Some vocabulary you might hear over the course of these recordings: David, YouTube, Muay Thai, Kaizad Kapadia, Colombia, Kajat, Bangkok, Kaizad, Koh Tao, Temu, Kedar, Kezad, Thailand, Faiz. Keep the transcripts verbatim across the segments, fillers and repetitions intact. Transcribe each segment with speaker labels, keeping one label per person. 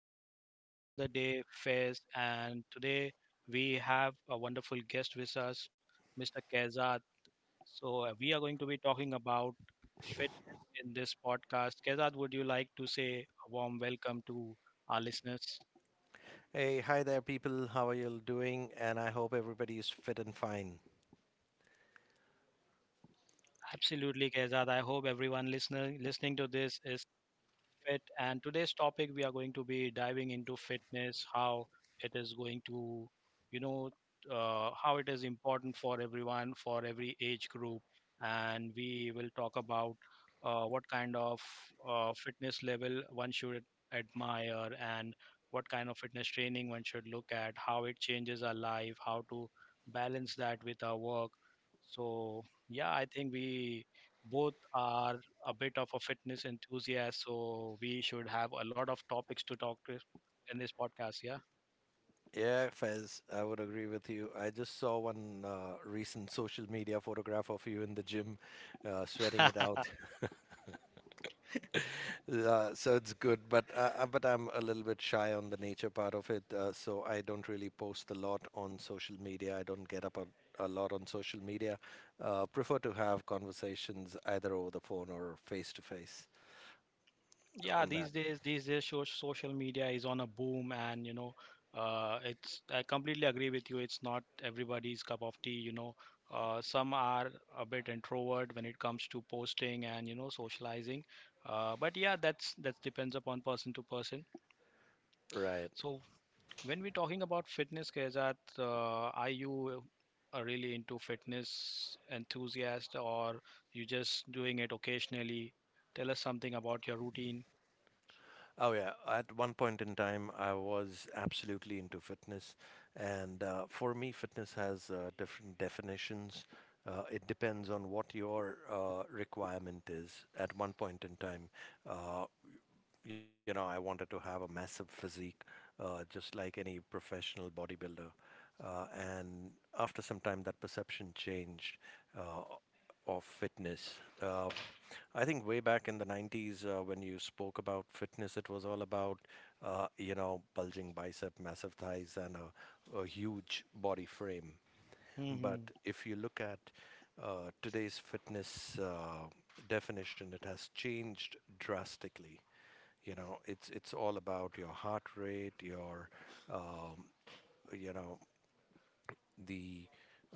Speaker 1: this is your host for the day, Faiz, and today we have a wonderful guest with us, Mister Kezad. So, uh, we are going to be talking about fitness in this podcast. Kezad, would you like to say a warm welcome to our listeners?
Speaker 2: Hey, hi there, people. How are you all doing? And I hope everybody is fit and fine.
Speaker 1: Absolutely, Kezad. I hope everyone listening listening to this is Fit. And today's topic, we are going to be diving into fitness, how it is going to, you know, uh, how it is important for everyone, for every age group. And we will talk about uh, what kind of uh, fitness level one should admire, and what kind of fitness training one should look at, how it changes our life, how to balance that with our work. So, yeah, I think we both are a bit of a fitness enthusiast, so we should have a lot of topics to talk to in this podcast. Yeah.
Speaker 2: Yeah, Fez, I would agree with you. I just saw one uh, recent social media photograph of you in the gym, uh, sweating it out. Uh, so it's good, but uh, uh, but I'm a little bit shy on the nature part of it. Uh, so I don't really post a lot on social media. I don't get up a, a lot on social media. Uh, prefer to have conversations either over the phone or face to face
Speaker 1: yeah
Speaker 2: on
Speaker 1: these
Speaker 2: that.
Speaker 1: days these days so- social media is on a boom, and you know uh, it's I completely agree with you. It's not everybody's cup of tea you know uh, Some are a bit introvert when it comes to posting and you know socializing. Uh, but yeah, that's that depends upon person to person.
Speaker 2: Right.
Speaker 1: So When we're talking about fitness, Kajat, uh, are you uh, really into fitness enthusiast, or you just doing it occasionally? Tell us something about your routine.
Speaker 2: Oh yeah, at one point in time, I was absolutely into fitness, and uh, for me, fitness has uh, different definitions. Uh, it depends on what your uh, requirement is at one point in time. Uh, you know, I wanted to have a massive physique, uh, just like any professional bodybuilder. Uh, and after some time, that perception changed uh, of fitness. Uh, I think way back in the nineties, uh, when you spoke about fitness, it was all about, uh, you know, bulging bicep, massive thighs, and a, a huge body frame. But
Speaker 1: Hmm.
Speaker 2: if you look at uh, today's fitness uh, definition, it has changed drastically. You know, it's it's all about your heart rate, your um, you know the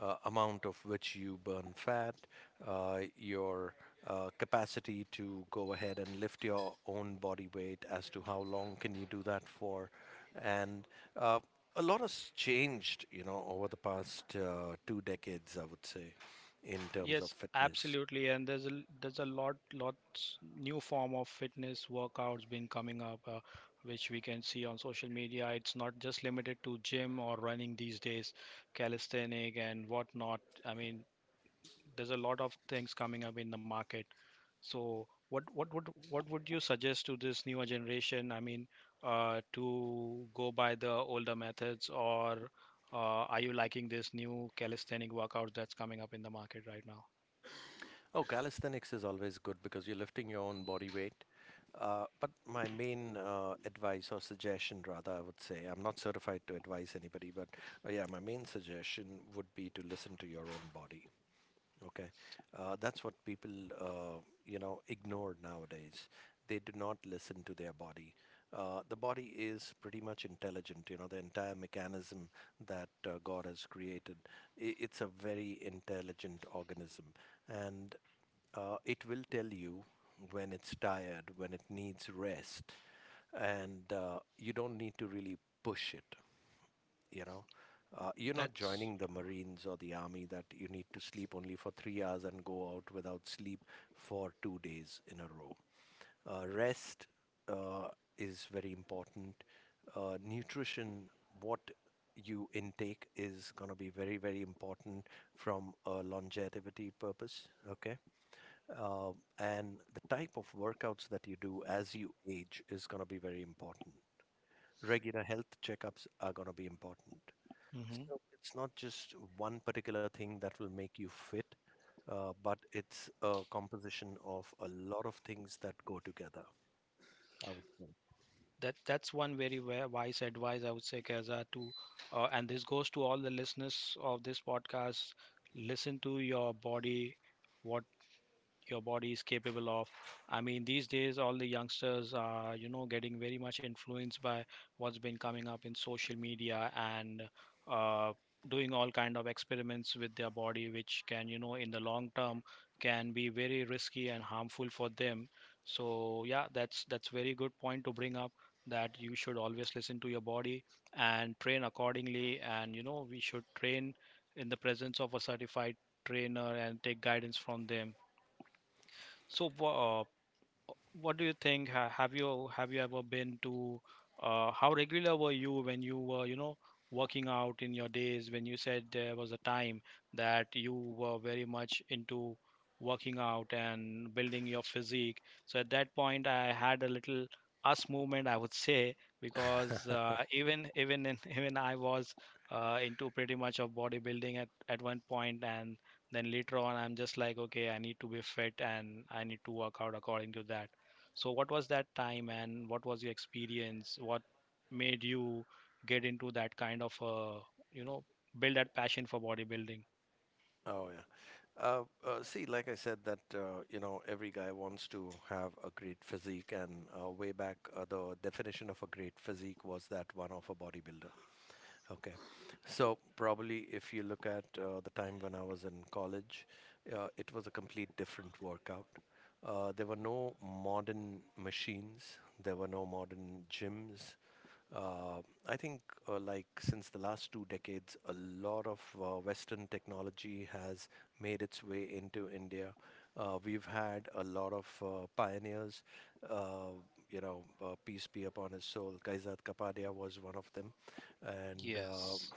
Speaker 2: uh, amount of which you burn fat, uh, your uh, capacity to go ahead and lift your own body weight as to how long can you do that for, and uh, a lot has changed, you know, over the past uh, two decades, I would say, in terms of
Speaker 1: Yes,
Speaker 2: fitness.
Speaker 1: absolutely. And there's a l- there's a lot lots new form of fitness workouts been coming up, uh, which we can see on social media. It's not just limited to gym or running these days, calisthenic and whatnot. I mean, there's a lot of things coming up in the market. So what what would what would you suggest to this newer generation? I mean, uh, to go by the older methods, or uh, are you liking this new calisthenic workout that's coming up in the market right now?
Speaker 2: Oh, calisthenics is always good because you're lifting your own body weight. Uh, but my main uh, advice or suggestion, rather, I would say, I'm not certified to advise anybody, but uh, yeah, my main suggestion would be to listen to your own body. Okay. Uh, that's what people, uh, you know, ignore nowadays. They do not listen to their body. Uh, the body is pretty much intelligent, you know, the entire mechanism that uh, God has created. i- It's a very intelligent organism. And uh, it will tell you when it's tired, when it needs rest, and uh, you don't need to really push it. You know uh, You're not
Speaker 1: That's...
Speaker 2: joining the marines or the army that you need to sleep only for three hours and go out without sleep for two days in a row. Uh, rest uh, is very important. Uh, nutrition, what you intake, is going to be very very important from a longevity purpose. Okay. uh, and the type of workouts that you do as you age is going to be very important. Regular health checkups are going to be important.
Speaker 1: Hmm.
Speaker 2: So it's not just one particular thing that will make you fit, uh, but it's a composition of a lot of things that go together. I would say.
Speaker 1: That that's one very wa- wise advice, I would say, Keza, to uh, and this goes to all the listeners of this podcast. Listen to your body, what your body is capable of. I mean, these days, all the youngsters are, you know, getting very much influenced by what's been coming up in social media, and uh, doing all kind of experiments with their body, which can, you know, in the long term, can be very risky and harmful for them. So yeah, that's that's very good point to bring up that you should always listen to your body and train accordingly. And you know, we should train in the presence of a certified trainer and take guidance from them. So, wha- uh, what do you think? Ha- Have you have you ever been to? Uh, how regular were you when you were, you know, working out in your days? When you said there was a time that you were very much into working out and building your physique. So at that point, I had a little us movement, I would say, because uh, even even in, even I was uh, into pretty much of bodybuilding at at one point, and then later on, I'm just like, okay, I need to be fit and I need to work out according to that. So, what was that time and what was your experience? What made you get into that kind of, uh, you know, build that passion for bodybuilding?
Speaker 2: Oh yeah. Uh, uh, see, like I said, that uh, you know, every guy wants to have a great physique, and uh, way back, uh, the definition of a great physique was that one of a bodybuilder. Okay. So probably if you look at uh, the time when I was in college, uh, it was a complete different workout. Uh, there were no modern machines. There were no modern gyms. Uh, I think, uh, like since the last two decades, a lot of uh, Western technology has made its way into India. Uh, we've had a lot of uh, pioneers. Uh, you know, uh, peace be upon his soul. Kaizad Kapadia was one of them. And uh,
Speaker 1: Yes.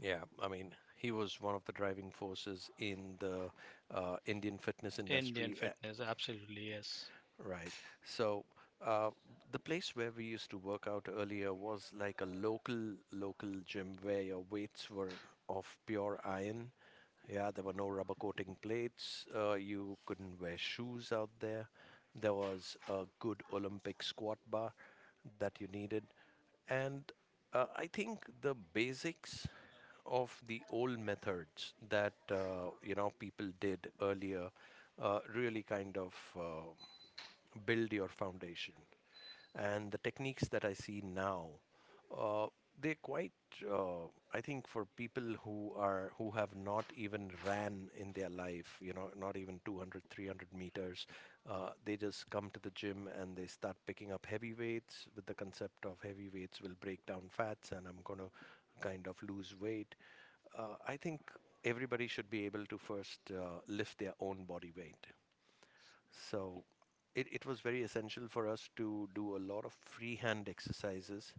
Speaker 2: yeah, I mean, he was one of the driving forces in the uh, Indian fitness
Speaker 1: Indian
Speaker 2: industry a-
Speaker 1: fitness, absolutely, yes.
Speaker 2: Right. So uh, the place where we used to work out earlier was like a local local gym where your weights were of pure iron. Yeah, there were no rubber coating plates. Uh, you couldn't wear shoes out there. There was a good Olympic squat bar that you needed, and uh, I think the basics of the old methods that uh, you know people did earlier uh, really kind of Uh, build your foundation. And the techniques that I see now, uh, they're quite. Uh, I think for people who are who have not even ran in their life, you know, not even two hundred, three hundred meters, uh, they just come to the gym and they start picking up heavy weights with the concept of heavy weights will break down fats and I'm going to kind of lose weight. Uh, I think everybody should be able to first uh, lift their own body weight, so it, it was very essential for us to do a lot of freehand exercises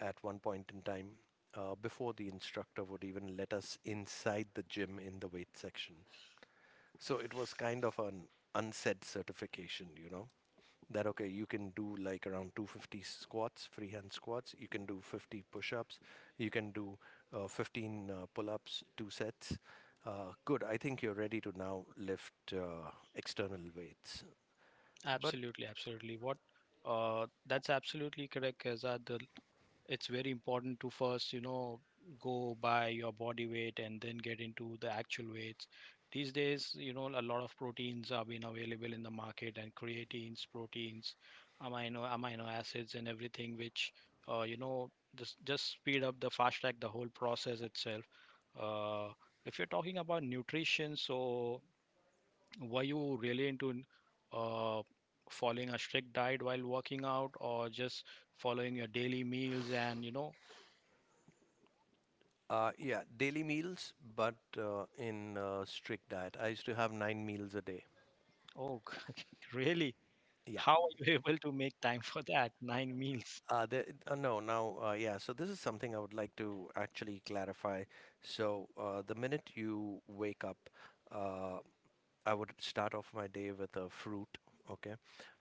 Speaker 2: at one point in time uh, before the instructor would even let us inside the gym in the weight section. So it was kind of an unsaid certification, you know, that okay, you can do like around two hundred fifty squats, freehand squats, you can do fifty push ups, you can do uh, fifteen uh, pull ups, two sets. Uh, good, I think you're ready to now lift uh, external weights. But
Speaker 1: Absolutely, absolutely. What uh that's absolutely correct, Kezad. The It's very important to first you know go by your body weight and then get into the actual weights. These days you know a lot of proteins are being available in the market, and creatines, proteins, amino amino acids and everything, which uh, you know just just speed up, the fast track the whole process itself. uh, if you're talking about nutrition, so were you really into uh, following a strict diet while working out, or just following your daily meals and you know
Speaker 2: uh, yeah, daily meals, but uh, in uh, strict diet. I used to have nine meals a day.
Speaker 1: Oh, God, really?
Speaker 2: Yeah.
Speaker 1: How are you able to make time for that? Nine meals.
Speaker 2: Uh, the, uh, no, now, uh, yeah, so this is something I would like to actually clarify. So, uh, the minute you wake up, uh, I would start off my day with a fruit. Okay.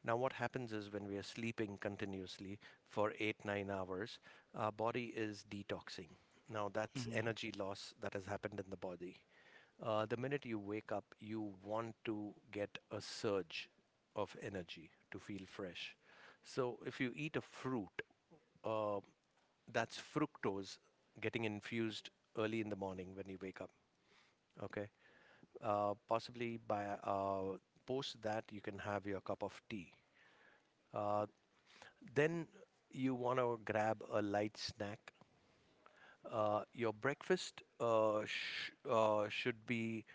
Speaker 2: Now, what happens is when we are sleeping continuously for eight, nine hours, our body is detoxing. Now, that's
Speaker 1: Mhm.
Speaker 2: energy loss that has happened in the body. Uh, the minute you wake up, you want to get a surge of energy to feel fresh. So if you eat a fruit, uh, that's fructose getting infused early in the morning when you wake up. Okay. Uh, possibly by uh, Post that, you can have your cup of tea. Uh, then you want to grab a light snack. Uh, your breakfast uh, sh- uh, should be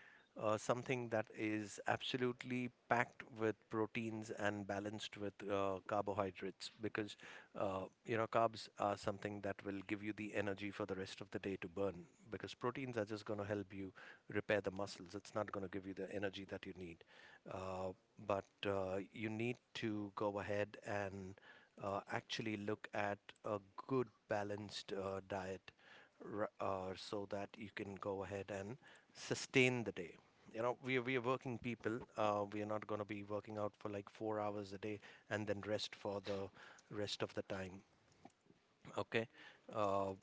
Speaker 2: uh, something that is absolutely packed with proteins and balanced with uh, carbohydrates, because uh, you know, carbs are something that will give you the energy for the rest of the day to burn, because proteins are just going to help you repair the muscles. It's not going to give you the energy that you need. Uh, but uh, You need to go ahead and uh, actually look at a good balanced uh, diet r- uh, so that you can go ahead and sustain the day. You know, we are, we are working people. Uh, we are not going to be working out for like four hours a day and then rest for the rest of the time. Okay. Uh,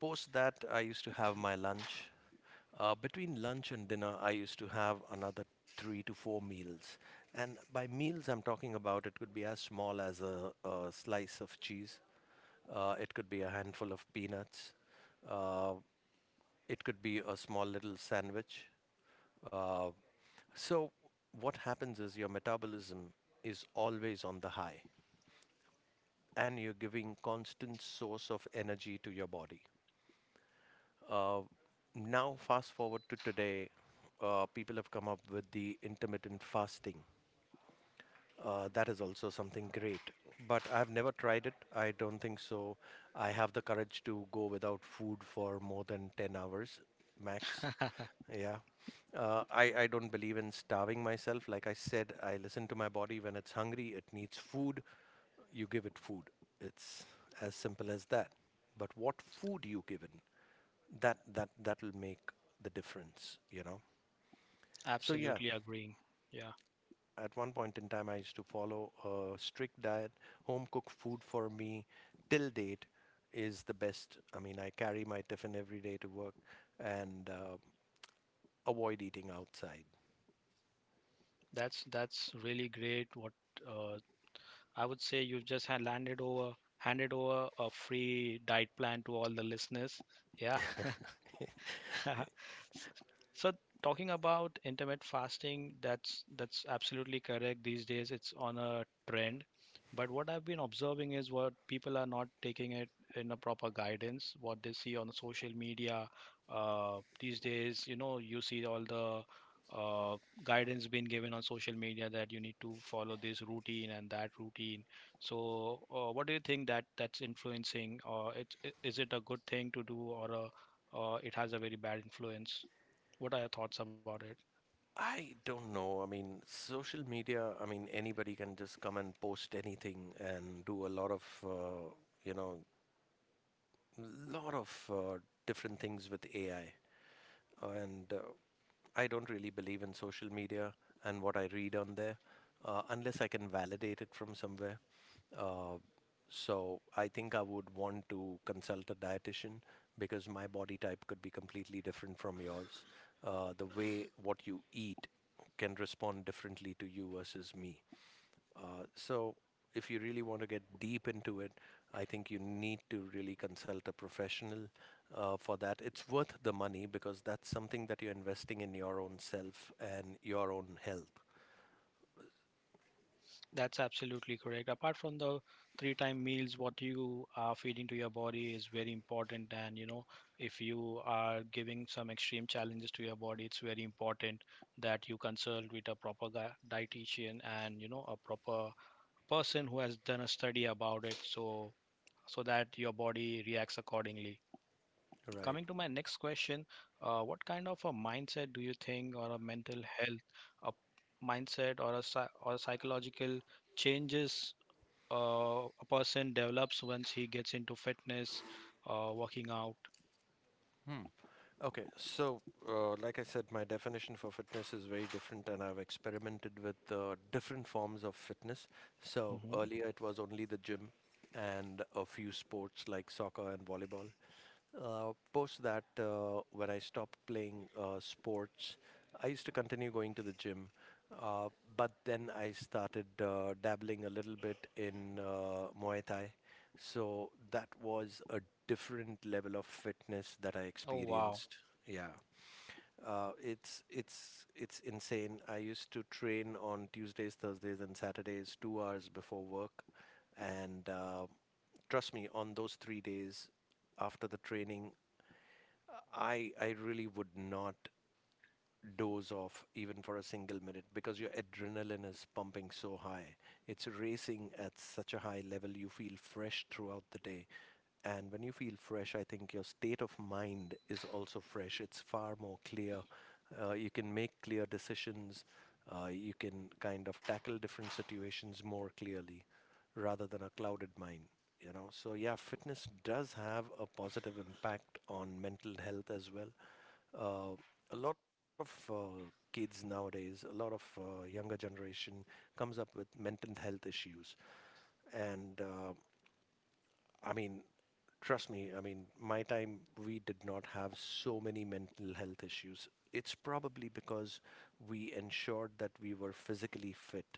Speaker 2: Post that, I used to have my lunch. Uh, between lunch and dinner, I used to have another three to four meals. And by meals, I'm talking about it could be as small as a, a slice of cheese, uh, it could be a handful of peanuts. Uh, it could be a small little sandwich. Uh, so, what happens is your metabolism is always on the high, and you're giving constant source of energy to your body. Uh, Now, fast forward to today, uh, people have come up with the intermittent fasting. Uh, that is also something great. But I've never tried it. I don't think so. I have the courage to go without food for more than ten hours max. Yeah. Uh, I, I don't believe in starving myself. Like I said, I listen to my body. When it's hungry, it needs food. You give it food. It's as simple as that. But what food you given, that that that'll make the difference, you know. So yeah,
Speaker 1: Absolutely agreeing. Yeah,
Speaker 2: at one point in time, I used to follow a strict diet. Home cooked food for me till date is the best. I mean, I carry my tiffin every day to work and uh, avoid eating outside.
Speaker 1: that's that's really great. What uh, I would say, you've just had landed over handed over a free diet plan to all the listeners. Yeah, S- so, talking about intermittent fasting, that's that's absolutely correct. These days it's on a trend, but what I've been observing is what people are not taking it in a proper guidance, what they see on the social media. Uh, these days you know you see all the uh, guidance being given on social media, that you need to follow this routine and that routine. So uh, what do you think, that that's influencing, or it, i- is it a good thing to do, or a uh, it has a very bad influence. What are your thoughts about it?
Speaker 2: I don't know. I mean, social media, I mean, anybody can just come and post anything and do a lot of, uh, you know, lot of uh, different things with A I. and uh, I don't really believe in social media and what I read on there, uh, unless I can validate it from somewhere. Uh, so I think I would want to consult a dietitian, because my body type could be completely different from yours. Uh, the way what you eat can respond differently to you versus me. Uh, so, if you really want to get deep into it, I think you need to really consult a professional uh, for that. It's worth the money, because that's something that you're investing in your own self and your own health.
Speaker 1: That's absolutely correct. Apart from the three time meals, what you are feeding to your body is very important. And, you know, if you are giving some extreme challenges to your body, it's very important that you consult with a proper gui- dietitian, and, you know, a proper person who has done a study about it, so so that your body reacts accordingly.
Speaker 2: Right.
Speaker 1: Coming to my next question, uh, what kind of a mindset do you think, or a mental health, a mindset, or a psy- or psychological changes uh, a person develops once he gets into fitness, uh, working out?
Speaker 2: Hmm. Okay, so uh, like I said, my definition for fitness is very different, and I've experimented with uh, different forms of fitness. So
Speaker 1: Hmm.
Speaker 2: earlier it was only the gym and a few sports like soccer and volleyball. Uh, post that, uh, when I stopped playing uh, sports, I used to continue going to the gym, uh, but then I started uh, dabbling a little bit in uh, Muay Thai, so that was a different level of fitness that I
Speaker 1: Oh, wow.
Speaker 2: experienced. Yeah. Uh, it's it's it's insane. I used to train on Tuesdays, Thursdays, and Saturdays, two hours before work, and uh, trust me, on those three days after the training, I I really would not doze off even for a single minute because your adrenaline is pumping so high. It's racing at such a high level, you feel fresh throughout the day. And when you feel fresh, I think your state of mind is also fresh. It's far more clear. Uh, you can make clear decisions. Uh, you can kind of tackle different situations more clearly rather than a clouded mind you know So yeah, fitness does have a positive impact on mental health as well. Uh, a lot of uh, kids nowadays, a lot of uh, younger generation, comes up with mental health issues. And uh, I mean, trust me, I mean, my time, we did not have so many mental health issues. It's probably because we ensured that we were physically fit.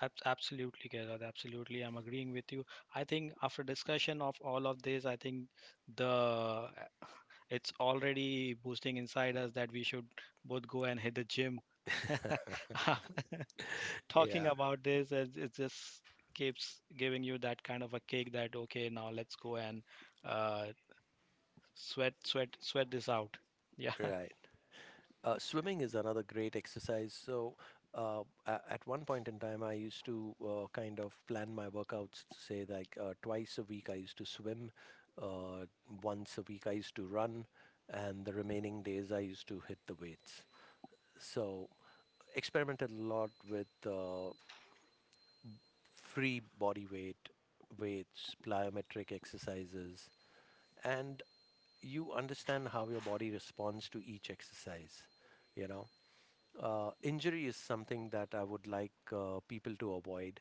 Speaker 1: Ab- Absolutely, Kedar. Absolutely. I'm agreeing with you. I think after discussion of all of this, I think the it's already boosting inside us that we should both go and hit the gym. Talking
Speaker 2: Yeah,
Speaker 1: about this, it, it just keeps giving you that kind of a kick, that okay, now let's go and uh, sweat sweat sweat this out. Yeah.
Speaker 2: right. Uh, swimming is another great exercise. So, uh, a- at one point in time, I used to uh, kind of plan my workouts, say like uh, twice a week I used to swim, uh, once a week I used to run, and the remaining days I used to hit the weights. So, experimented a lot with uh, free body weight, weights, plyometric exercises, and you understand how your body responds to each exercise. You know, uh, injury is something that I would like uh, people to avoid.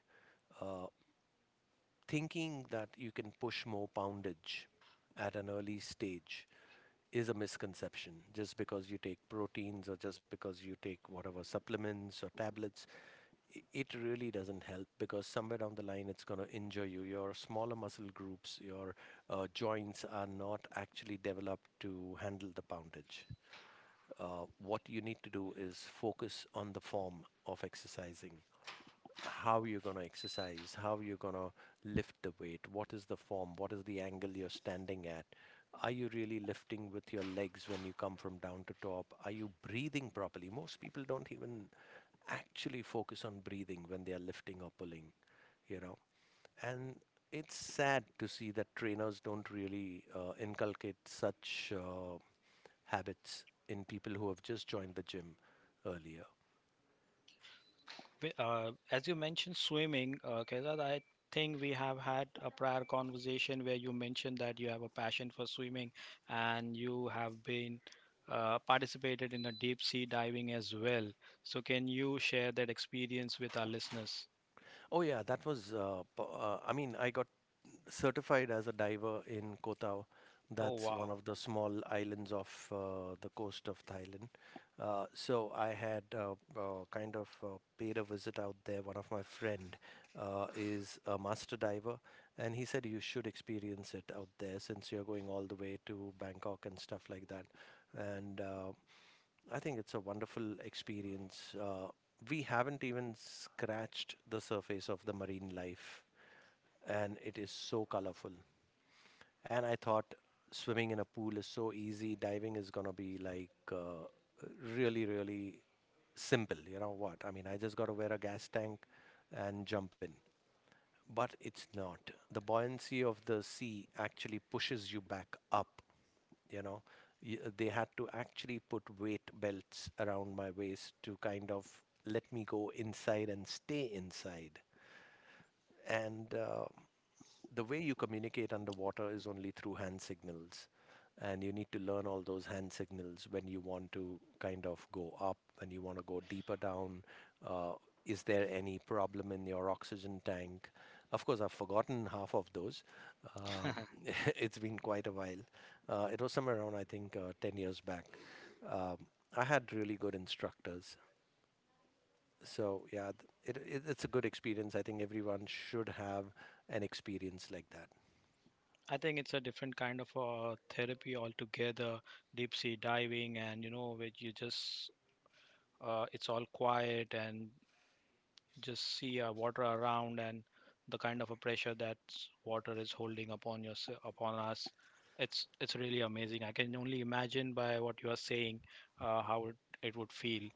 Speaker 2: Uh, thinking that you can push more poundage at an early stage is a misconception. Just because you take proteins or just because you take whatever supplements or tablets, it really doesn't help because somewhere down the line it's going to injure you, your smaller muscle groups, your uh, joints are not actually developed to handle the poundage. Uh, what you need to do is focus on the form of exercising: how you're going to exercise, how you're going to lift the weight, what is the form, what is the angle you're standing at. Are you really lifting with your legs when you come from down to top? Are you breathing properly? Most people don't even actually focus on breathing when they are lifting or pulling, you know. And it's sad to see that trainers don't really uh, inculcate such uh, habits in people who have just joined the gym earlier.
Speaker 1: We- uh, as you mentioned swimming, uh, Kaizad, I think we have had a prior conversation where you mentioned that you have a passion for swimming, and you have been uh, participated in a deep sea diving as well, so can you share that experience with our listeners?
Speaker 2: Oh yeah, that was. Uh, po- uh, I mean, I got certified as a diver in Koh Tao.
Speaker 1: Oh
Speaker 2: That's one
Speaker 1: wow.
Speaker 2: of the small islands of uh, the coast of Thailand. Uh, so I had uh, uh, kind of uh, paid a visit out there. One of my friend uh, is a master diver, and he said you should experience it out there since you're going all the way to Bangkok and stuff like that. And uh, I think it's a wonderful experience. Uh, we haven't even scratched the surface of the marine life, and it is so colorful. And I thought swimming in a pool is so easy, diving is gonna be like uh, really, really simple. You know what? I mean, I just gotta wear a gas tank and jump in. But it's not. The buoyancy of the sea actually pushes you back up. You know, Y- they had to actually put weight belts around my waist to kind of let me go inside and stay inside. And uh, the way you communicate underwater is only through hand signals. And you need to learn all those hand signals when you want to kind of go up, when you want to go deeper down. Uh, is there any problem in your oxygen tank? Of course, I've forgotten half of those. Um, it's been quite a while. Uh, it was somewhere around, I think, uh, ten years back. Um, I had really good instructors, so yeah, th- it, it it's a good experience. I think everyone should have an experience like that.
Speaker 1: I think it's a different kind of uh, therapy altogether. Deep sea diving, and you know, where you just uh, it's all quiet and just see uh, water around, and the kind of a pressure that water is holding upon your upon us. It's it's really amazing. I can only imagine by what you are saying uh, how it, it would feel.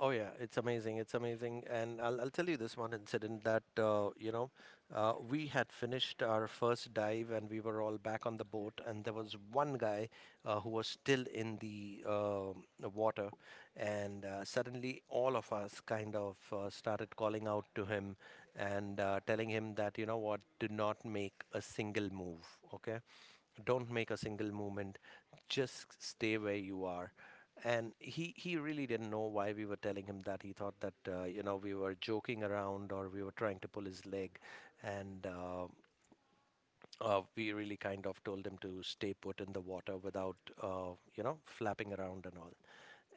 Speaker 2: Oh yeah, it's amazing. It's amazing, and I'll I'll tell you this one incident that uh, you know, uh, we had finished our first dive and we were all back on the boat, and there was one guy uh, who was still in the um, the water, and uh, suddenly all of us kind of uh, started calling out to him and uh, telling him that, you know what, do not make a single move, okay? Don't make a single movement. Just stay where you are. And he he really didn't know why we were telling him that. He thought that uh, you know, we were joking around or we were trying to pull his leg. And uh, uh, We really kind of told him to stay put in the water without uh, you know, flapping around and all.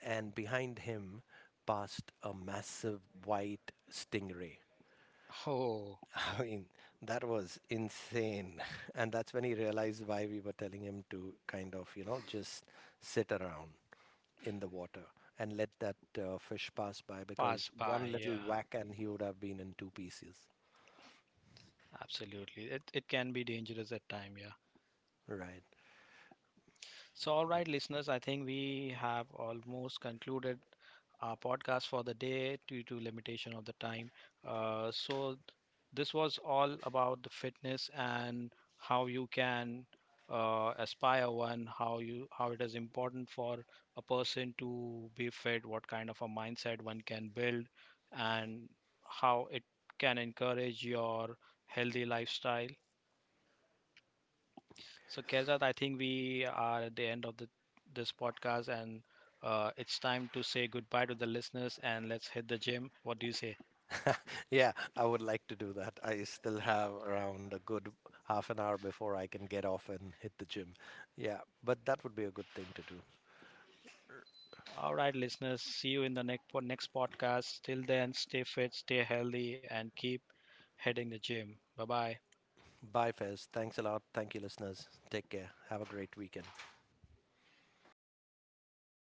Speaker 2: And behind him passed a massive white stingray.
Speaker 1: Oh,
Speaker 2: I mean, that was insane. And that's when he realized why we were telling him to kind of, you know, just sit around in the water and let that uh, fish pass by, because
Speaker 1: pass
Speaker 2: one
Speaker 1: by.
Speaker 2: little
Speaker 1: Yeah,
Speaker 2: whack and he would have been in two pieces.
Speaker 1: absolutely. It it can be dangerous at time. yeah.
Speaker 2: Right.
Speaker 1: So, all right, listeners, I think we have almost concluded our podcast for the day due to limitation of the time. Uh, so, this was all about the fitness, and how you can uh, aspire one, how you how it is important for a person to be fit, what kind of a mindset one can build, and how it can encourage your healthy lifestyle. So, Kezat, I think we are at the end of the, this podcast, and uh, it's time to say goodbye to the listeners and let's hit the gym. What do you say?
Speaker 2: Yeah, I would like to do that. I still have around a good half an hour before I can get off and hit the gym. Yeah, but that would be a good thing to do.
Speaker 1: All right, listeners, see you in the next po- next podcast. Till then, stay fit, stay healthy, and keep hitting the gym. Bye bye.
Speaker 2: Bye, Fez. Thanks a lot. Thank you, listeners. Take care. Have a great weekend.